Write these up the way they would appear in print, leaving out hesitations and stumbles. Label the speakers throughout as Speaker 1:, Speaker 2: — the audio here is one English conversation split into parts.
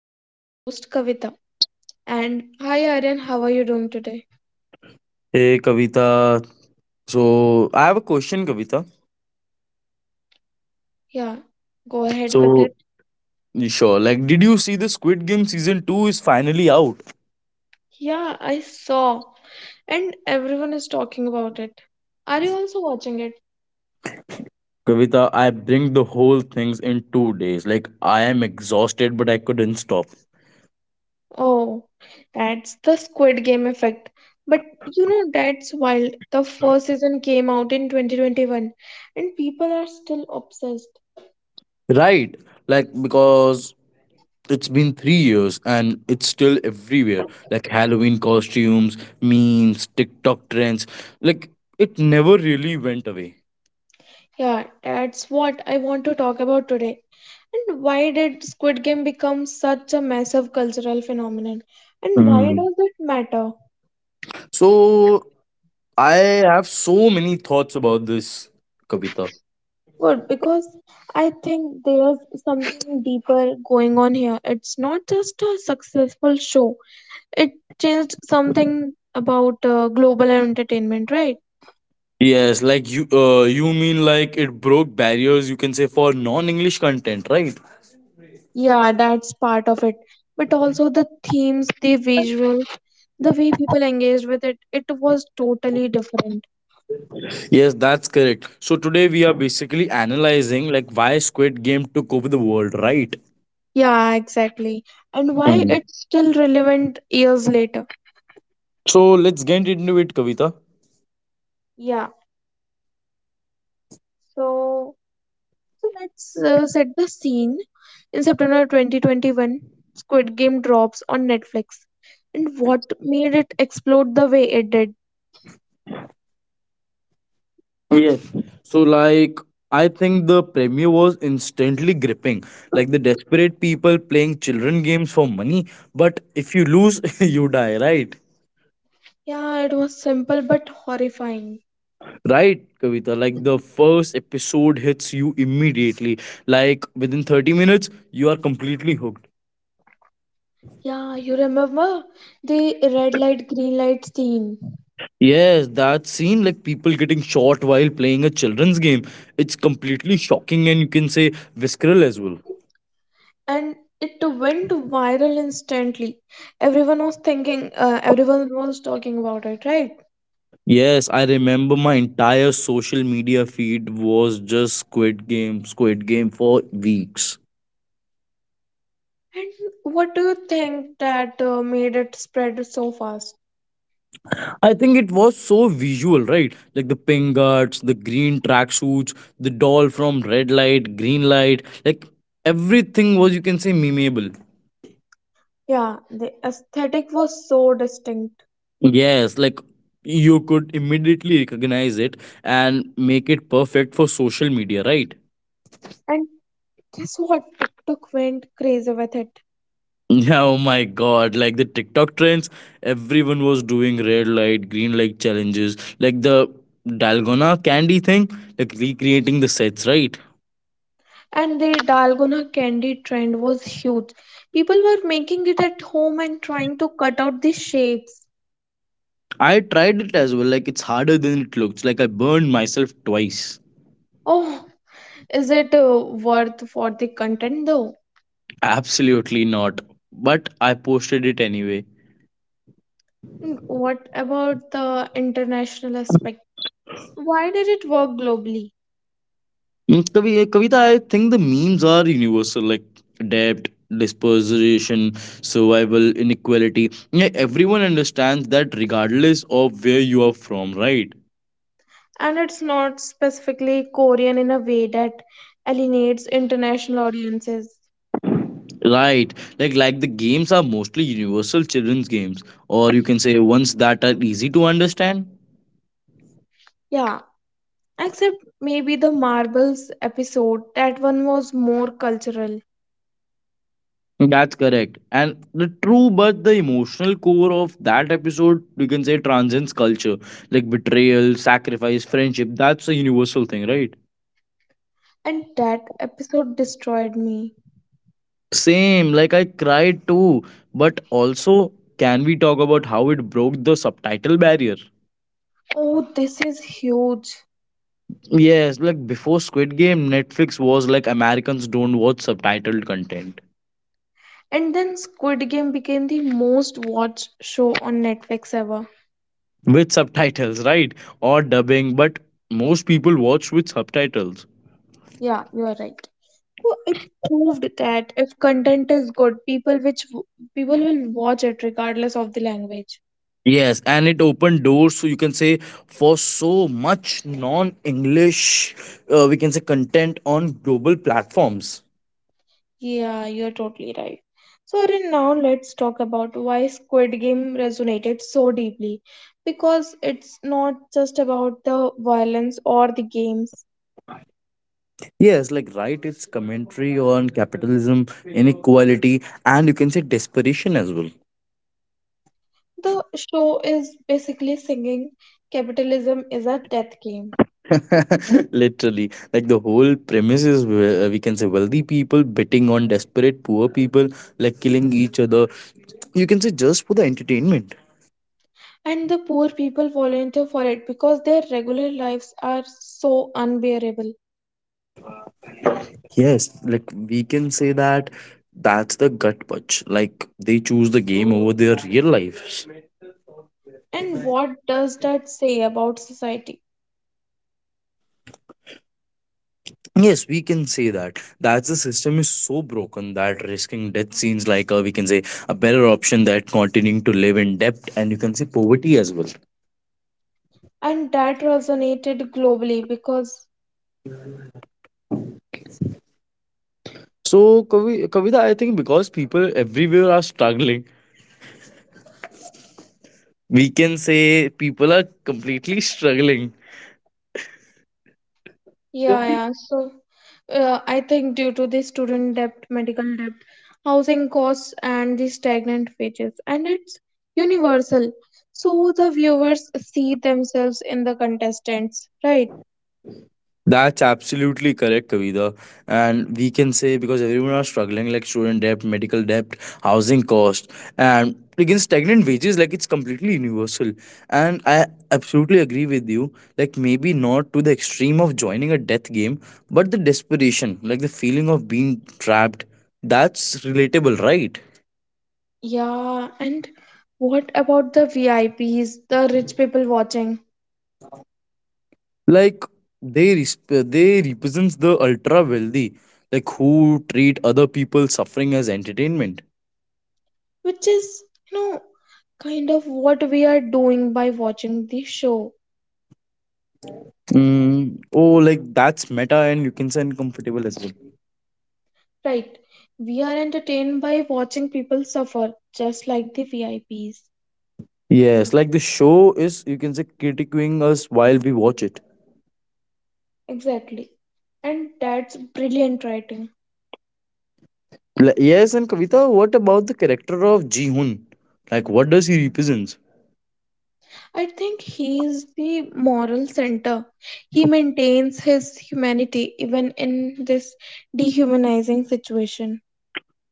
Speaker 1: I'm your host Kavita. And hi Aryan, how are you doing today?
Speaker 2: Hey Kavita, so I have a question, Kavita.
Speaker 1: Yeah, go ahead with
Speaker 2: So
Speaker 1: it.
Speaker 2: did you see the Squid Game season two is finally out?
Speaker 1: Yeah, I saw. And everyone is talking about it. Are you also watching it?
Speaker 2: Kavita, I bring the whole things in 2 days. Like, I am exhausted, but I couldn't stop.
Speaker 1: Oh, that's the Squid Game effect. But you know, that's wild. The first season came out in 2021 and people are still obsessed.
Speaker 2: Right, like because it's been 3 years and it's still everywhere. Like Halloween costumes, memes, TikTok trends. Like it never really went away.
Speaker 1: Yeah, that's what I want to talk about today. And why did Squid Game become such a massive cultural phenomenon? And why
Speaker 2: Mm.
Speaker 1: does it matter?
Speaker 2: So I have so many thoughts about this, Kavita.
Speaker 1: Good, because I think there's something deeper going on here. It's not just a successful show, it changed something about global entertainment, right?
Speaker 2: Yes, you mean like it broke barriers, you can say, for non-English content, right?
Speaker 1: Yeah, that's part of it. But also the themes, the visual, the way people engaged with it, it was totally different.
Speaker 2: Yes, that's correct. So today we are basically analyzing like why Squid Game took over the world, right?
Speaker 1: Yeah, exactly. And why
Speaker 2: Mhm.
Speaker 1: it's still relevant years later.
Speaker 2: So let's get into it, Kavita.
Speaker 1: Yeah, so so let's set the scene. In September 2021, Squid Game drops on Netflix. And what made it explode the way it did?
Speaker 2: Yes. So like I think the premiere was instantly gripping. Like the desperate people playing children games for money, but if you lose, you die, right?
Speaker 1: Yeah, it was simple but horrifying.
Speaker 2: Right, Kavita. Like the first episode hits you immediately. Like within 30 minutes, you are completely hooked.
Speaker 1: Yeah, you remember the red light, green light scene.
Speaker 2: Yes, that scene, like people getting shot while playing a children's game, it's completely shocking and, you can say, visceral as well.
Speaker 1: And it went viral instantly. Everyone was thinking, everyone was talking about it, right?
Speaker 2: Yes, I remember my entire social media feed was just Squid Game, Squid Game for weeks.
Speaker 1: And what do you think that made it spread so fast?
Speaker 2: I think it was so visual, right? Like the pink guards, the green tracksuits, the doll from red light, green light, like everything was, you can say, memeable.
Speaker 1: Yeah, the aesthetic was so distinct.
Speaker 2: Yes, like you could immediately recognize it and make it perfect for social media, right?
Speaker 1: And guess what? TikTok went crazy with it.
Speaker 2: Yeah, oh my god, like the TikTok trends, everyone was doing red light, green light challenges, like the Dalgona candy thing, like recreating the sets, right?
Speaker 1: And the dalgona candy trend was huge. People were making it at home and trying to cut out the shapes.
Speaker 2: I tried it as well. Like it's harder than it looks. Like I burned myself twice.
Speaker 1: Oh, is it worth for the content though?
Speaker 2: Absolutely not. But I posted it anyway.
Speaker 1: And what about the international aspect? Why did it work globally?
Speaker 2: Kavita, I think the memes are universal. Like debt, dispersion, survival, inequality. Yeah, everyone understands that regardless of where you are from, right?
Speaker 1: And it's not specifically Korean in a way that alienates international audiences.
Speaker 2: Right. Like the games are mostly universal children's games, or you can say ones that are easy to understand.
Speaker 1: Yeah, except maybe the marbles episode. That one was more cultural.
Speaker 2: That's correct. And the true but the emotional core of that episode, we can say, transcends culture. Like betrayal, sacrifice, friendship. That's a universal thing, right?
Speaker 1: And that episode destroyed me.
Speaker 2: Same. Like I cried too. But also, can we talk about how it broke the subtitle barrier?
Speaker 1: Oh, this is huge.
Speaker 2: Yes, like before Squid Game, Netflix was like Americans don't watch subtitled content.
Speaker 1: And then Squid Game became the most watched show on Netflix ever.
Speaker 2: With subtitles, right? Or dubbing, but most people watch with subtitles.
Speaker 1: Yeah, you are right. So it proved that if content is good, people will watch it regardless of the language.
Speaker 2: Yes, and it opened doors, so you can say, for so much non English, we can say, content on global platforms.
Speaker 1: Yeah, you're totally right. So, Arun, now let's talk about why Squid Game resonated so deeply. Because it's not just about the violence or the games.
Speaker 2: Yes, like write its commentary on capitalism, inequality, and, you can say, desperation as well.
Speaker 1: The show is basically singing capitalism is a death game.
Speaker 2: Literally, like the whole premise is where- we can say wealthy people betting on desperate poor people, like killing each other. You can say just for the entertainment.
Speaker 1: And the poor people volunteer for it because their regular lives are so unbearable.
Speaker 2: Yes, like we can say that that's the gut punch. Like they choose the game over their real lives.
Speaker 1: And what does that say about society?
Speaker 2: Yes, we can say that. That's the system is so broken that risking death seems like a, we can say, a better option than continuing to live in debt and, you can say, poverty as well.
Speaker 1: And that resonated globally because…
Speaker 2: Kavita, I think because people everywhere are struggling, we can say people are completely struggling.
Speaker 1: Yeah, yeah. So, I think due to the student debt, medical debt, housing costs, and the stagnant wages, and it's universal. So the viewers see themselves in the contestants, right?
Speaker 2: That's absolutely correct, Kavita. And we can say because everyone are struggling, like student debt, medical debt, housing cost, and again stagnant wages, like it's completely universal. And I absolutely agree with you. Like maybe not to the extreme of joining a death game, but the desperation, like the feeling of being trapped, that's relatable, right?
Speaker 1: Yeah, and what about the VIPs, the rich people watching,
Speaker 2: Like they represents the ultra wealthy, like who treat other people suffering as entertainment.
Speaker 1: which is, you know, kind of what we are doing by watching the show,
Speaker 2: Oh, like that's meta and, you can say, uncomfortable as well.
Speaker 1: right? We are entertained by watching people suffer, just like the VIPs.
Speaker 2: Yes, like the show is, you can say, critiquing us while we watch it.
Speaker 1: Exactly. And that's brilliant writing.
Speaker 2: Yes, and Kavita, what about the character of Ji Hoon? Like, what does he represent?
Speaker 1: I think he is the moral center. He maintains his humanity even in this dehumanizing situation.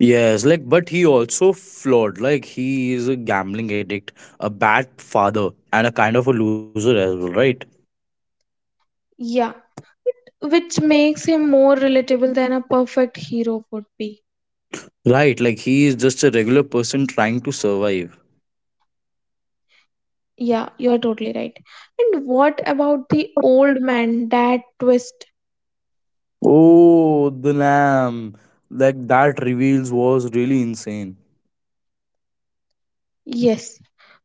Speaker 2: Yes, like, but he also flawed. Like, he is a gambling addict, a bad father, and a kind of a loser as well, right?
Speaker 1: Yeah, which makes him more relatable than a perfect hero would be.
Speaker 2: Right, like, he is just a regular person trying to survive.
Speaker 1: Yeah, you're totally right. And what about the old man, that twist?
Speaker 2: Oh, the lamb. Like, that reveals was really insane.
Speaker 1: Yes,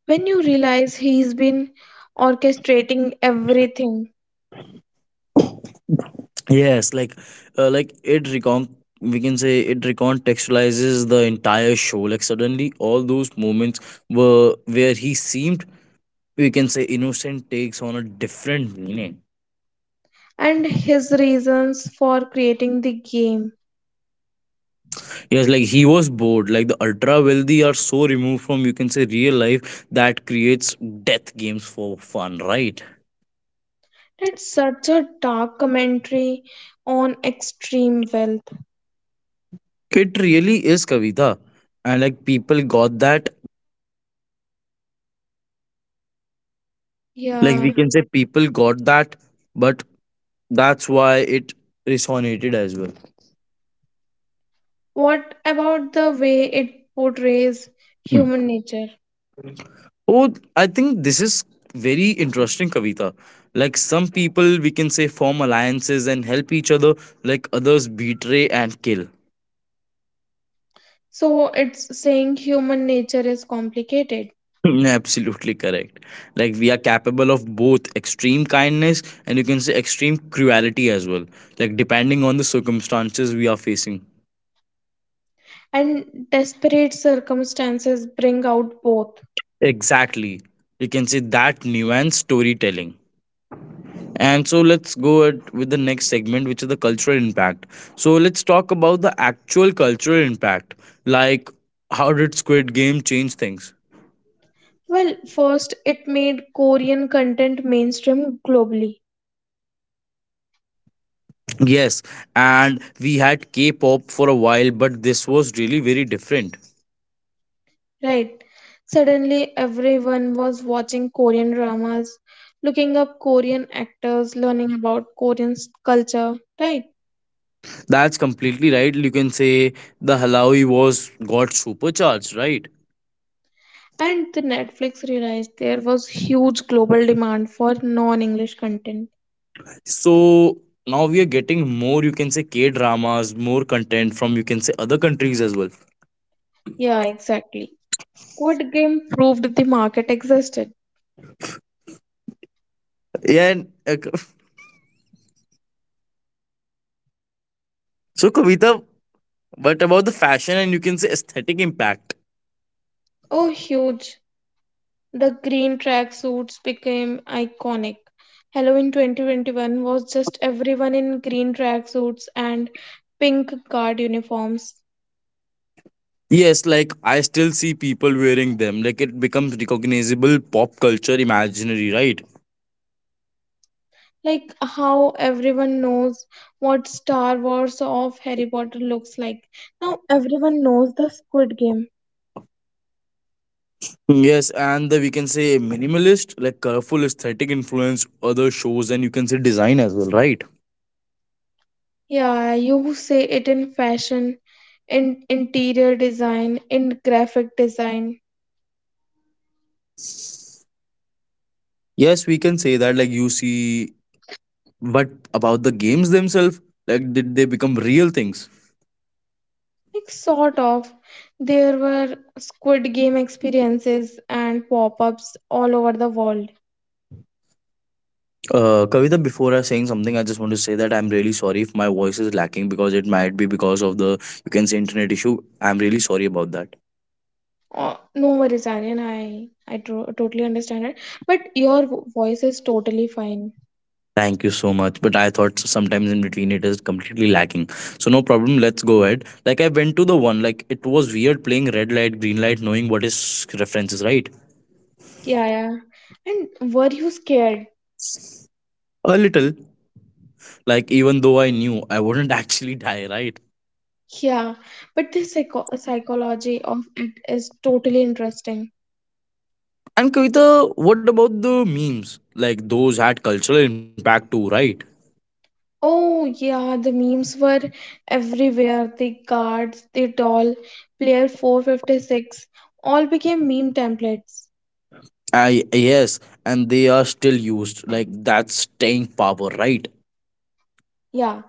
Speaker 1: when you realize he's been orchestrating everything
Speaker 2: Yes, like it recon we can say it recontextualizes the entire show. Like suddenly all those moments were where he seemed, we can say, innocent takes on a different meaning.
Speaker 1: and his reasons for creating the game.
Speaker 2: Yes, like he was bored. Like the ultra wealthy are so removed from, you can say, real life that creates death games for fun, right?
Speaker 1: That's such a dark commentary on extreme wealth.
Speaker 2: It really is Kavita. And like people got that. Like
Speaker 1: Yeah.
Speaker 2: we can say people got that, but that's why it resonated as well.
Speaker 1: What about the way it portrays human nature?
Speaker 2: Oh, I think this is very interesting, Kavita. Like some people, we can say, form alliances and help each other, like others betray and kill.
Speaker 1: So it's saying human nature is complicated
Speaker 2: Absolutely correct. Like we are capable of both extreme kindness and, you can say, extreme cruelty as well, like depending on the circumstances we are facing.
Speaker 1: and desperate circumstances bring out both.
Speaker 2: Exactly. You can say that nuanced storytelling. And so let's go at, with the next segment, which is the cultural impact. So let's talk about the actual cultural impact. Like, how did Squid Game change things?
Speaker 1: Well, first, it made Korean content mainstream globally.
Speaker 2: Yes, and we had K pop for a while, but this was really very different.
Speaker 1: Right. Suddenly, everyone was watching Korean dramas, looking up Korean actors, learning about culture, right?
Speaker 2: That's completely right. You can say the Halawi was got supercharged, right?
Speaker 1: And the Netflix realized there was huge global demand for non-English content.
Speaker 2: So now we are getting more, you can say, K dramas, more content from, you can say, other countries as well.
Speaker 1: Yeah, exactly. Squid Game proved the market existed.
Speaker 2: Yeah. So Kavita, but about the fashion and, you can say, aesthetic impact.
Speaker 1: Oh, huge. The green tracksuits became iconic. Halloween 2021 was just everyone in green tracksuits and pink guard uniforms.
Speaker 2: Yes, like I still see people wearing them. Like it becomes recognizable pop culture imaginary, right?
Speaker 1: Like how everyone knows what Star Wars of Harry Potter looks like. Now everyone knows the Squid Game.
Speaker 2: Yes, and the, we can say, minimalist, like colorful aesthetic influence other shows and, you can say, design as well, right?
Speaker 1: Yeah, you say it in fashion, in interior design, in graphic design.
Speaker 2: Yes, we can say that like you see but about the games themselves, like did they become real things?
Speaker 1: Like sort of. There were Squid Game experiences and pop-ups all over the world.
Speaker 2: Kavita, before I saying something, I just want to say that I'm really sorry if my voice is lacking because it might be because of the, you can say, internet issue. I'm really sorry about that.
Speaker 1: No worries, Aryan. Totally understand it. But your voice is totally fine.
Speaker 2: Thank you so much. But I thought sometimes in between it is completely lacking. So no problem. Let's go ahead. Like I went to the one. Like it was weird playing red light, green light, knowing what is references, right?
Speaker 1: Yeah, yeah. And were you scared?
Speaker 2: A little. Like even though I knew I wouldn't actually die, right?
Speaker 1: Yeah, but the psychology of it is totally interesting.
Speaker 2: And Kavita, what about the memes? Like those had cultural impact too, right?
Speaker 1: Oh, yeah, the memes were everywhere. The guards, the doll, player 456, all became meme templates.
Speaker 2: I Yes, and they are still used. Like that's staying power, right?
Speaker 1: Yeah,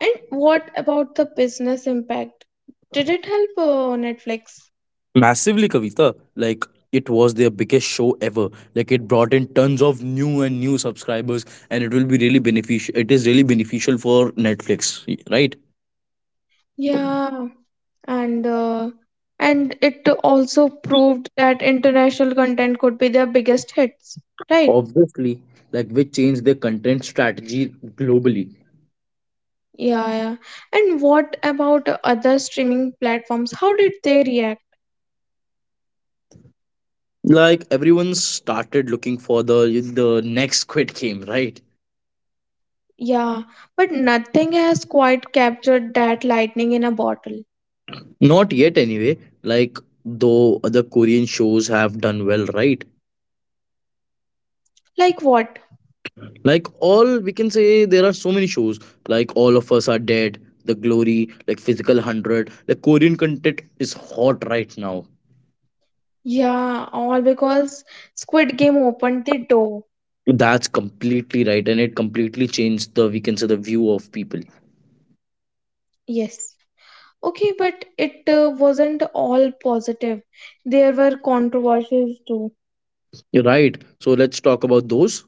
Speaker 1: and what about the business impact? Did it help Netflix?
Speaker 2: Massively, Kavita. Like it was their biggest show ever. Like it brought in tons of new and new subscribers, and it will be really beneficial. It is really beneficial for Netflix, right?
Speaker 1: Yeah, and uh, and it also proved that international content could be their biggest hits, right?
Speaker 2: Obviously, like which changed their content strategy globally.
Speaker 1: Yeah, yeah. And what about other streaming platforms? How did they react?
Speaker 2: Like everyone started looking for the next Squid Game, right?
Speaker 1: Yeah, but nothing has quite captured that lightning in a bottle.
Speaker 2: Not yet, anyway. Like though other Korean shows have done well, right?
Speaker 1: Like what?
Speaker 2: Like all, we can say, there are so many shows, like All of Us Are Dead, The Glory, like Physical 100, like Korean content is hot right now.
Speaker 1: Yeah, all because Squid Game opened the door.
Speaker 2: That's completely right, and it completely changed the, we can say, the view of people.
Speaker 1: Yes. Okay, but it wasn't all positive. There were controversies too.
Speaker 2: You're right, so let's talk about those.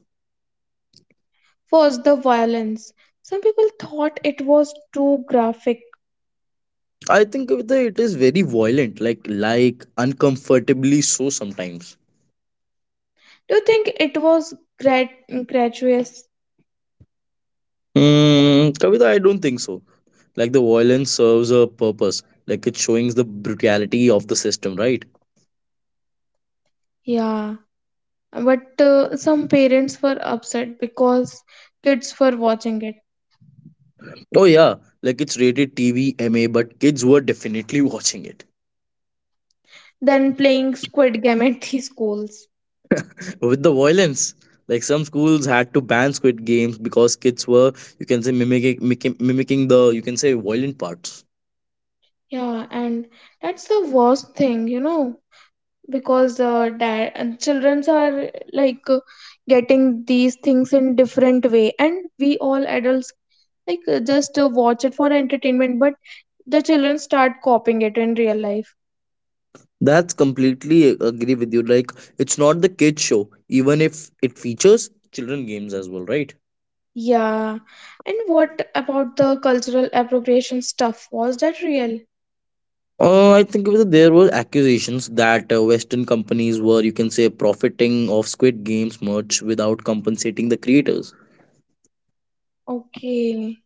Speaker 1: First, the violence. Some people thought it was too graphic.
Speaker 2: I think with it is very violent, like uncomfortably so sometimes.
Speaker 1: Do you think it was grat gratuitous?
Speaker 2: Hmm, Kavita, I don't think so. Like the violence serves a purpose. Like it showing the brutality of the system, right?
Speaker 1: Yeah. But some parents were upset because kids were watching it,
Speaker 2: Oh yeah, like it's rated TV MA, but kids were definitely watching it
Speaker 1: then playing Squid Game at the schools.
Speaker 2: with the violence. Like some schools had to ban Squid Games because kids were, you can say, mimicking the, you can say, violent parts.
Speaker 1: Yeah, and that's the worst thing, you know, because dad and childrens are getting these things in different way, and we all adults just watch it for entertainment, but the children start copying it in real life.
Speaker 2: That's completely agree with you. Like it's not the kids show, even if it features children games as well, right?
Speaker 1: Yeah, and what about the cultural appropriation stuff? Was that real?
Speaker 2: I think whether there were accusations that Western companies were, you can say, profiting of Squid Games merch without compensating the creators.
Speaker 1: Okay,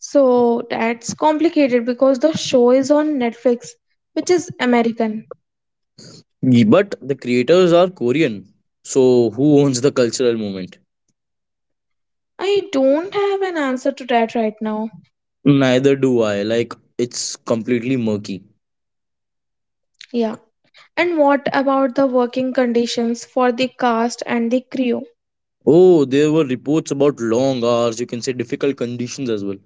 Speaker 1: so that's complicated because the show is on Netflix, which is American.
Speaker 2: But the creators are Korean. So who owns the cultural movement?
Speaker 1: I don't have an answer to that right now.
Speaker 2: Neither do I. Like, it's completely murky.
Speaker 1: Yeah. And what about the working conditions for the cast and the crew?
Speaker 2: Oh, there were reports about long hours, you can say, difficult conditions as well.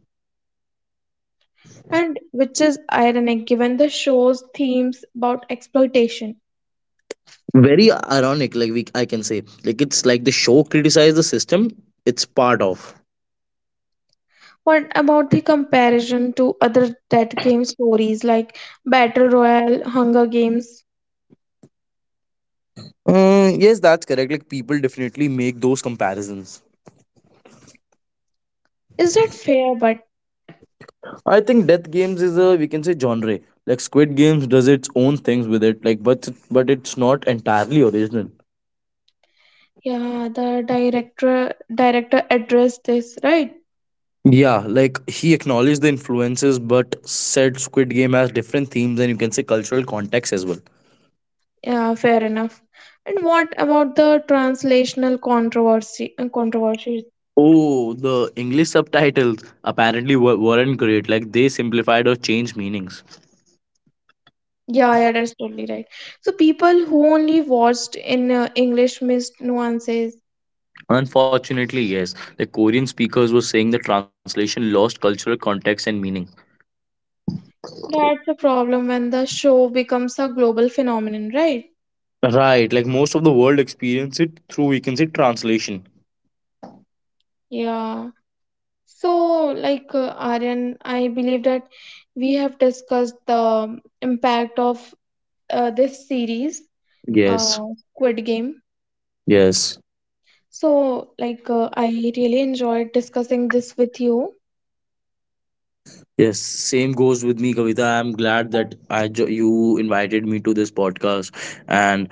Speaker 1: And which is ironic given the show's themes about exploitation.
Speaker 2: Very ironic, like we, I can say. Like, it's like the show criticized the system it's part of.
Speaker 1: What about the comparison to other dead game stories like Battle Royale, Hunger Games?
Speaker 2: Yes, that's correct. Like, people definitely make those comparisons.
Speaker 1: Is that fair, but?
Speaker 2: I think Death Games is a, we can say, genre. Like, Squid Games does its own things with it, like, but it's not entirely original.
Speaker 1: Yeah, the director addressed this, right?
Speaker 2: Yeah, like he acknowledged the influences but said Squid Game has different themes and, you can say, cultural context as well.
Speaker 1: Yeah, fair enough. And what about the translational Controversy?
Speaker 2: Oh, the English subtitles apparently weren't great. Like they simplified or changed meanings.
Speaker 1: Yeah, yeah, that's totally right. So people who only watched in English missed nuances.
Speaker 2: Unfortunately, yes, the Korean speakers were saying the translation lost cultural context and meaning.
Speaker 1: That's the problem when the show becomes a global phenomenon, right?
Speaker 2: Right, like most of the world experience it through, we can say, translation.
Speaker 1: Yeah. So, Aryan, I believe that we have discussed the impact of this series,
Speaker 2: Yes,
Speaker 1: uh, Squid Game.
Speaker 2: yes.
Speaker 1: So, I really enjoyed discussing this with you.
Speaker 2: Yes, same goes with me, Kavita. I'm glad that you invited me to this podcast, and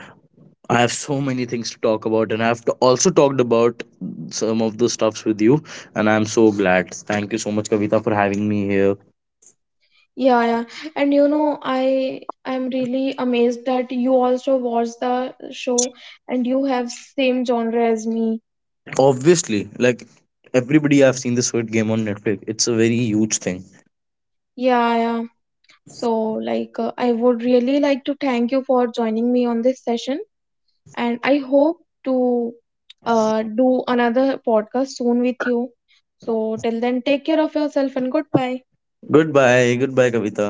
Speaker 2: I have so many things to talk about, and also talked about some of the stuffs with you, and I'm so glad. Thank you so much, Kavita, for having me here.
Speaker 1: Yeah, yeah. And you know, I'm really amazed that you also watch the show and you have same genre as me.
Speaker 2: Obviously, like everybody, I've seen the Squid Game on Netflix. It's a very huge thing.
Speaker 1: Yeah, yeah. So, I would really like to thank you for joining me on this session, and I hope to do another podcast soon with you. So, till then, take care of yourself and goodbye.
Speaker 2: Goodbye, goodbye, Kavita.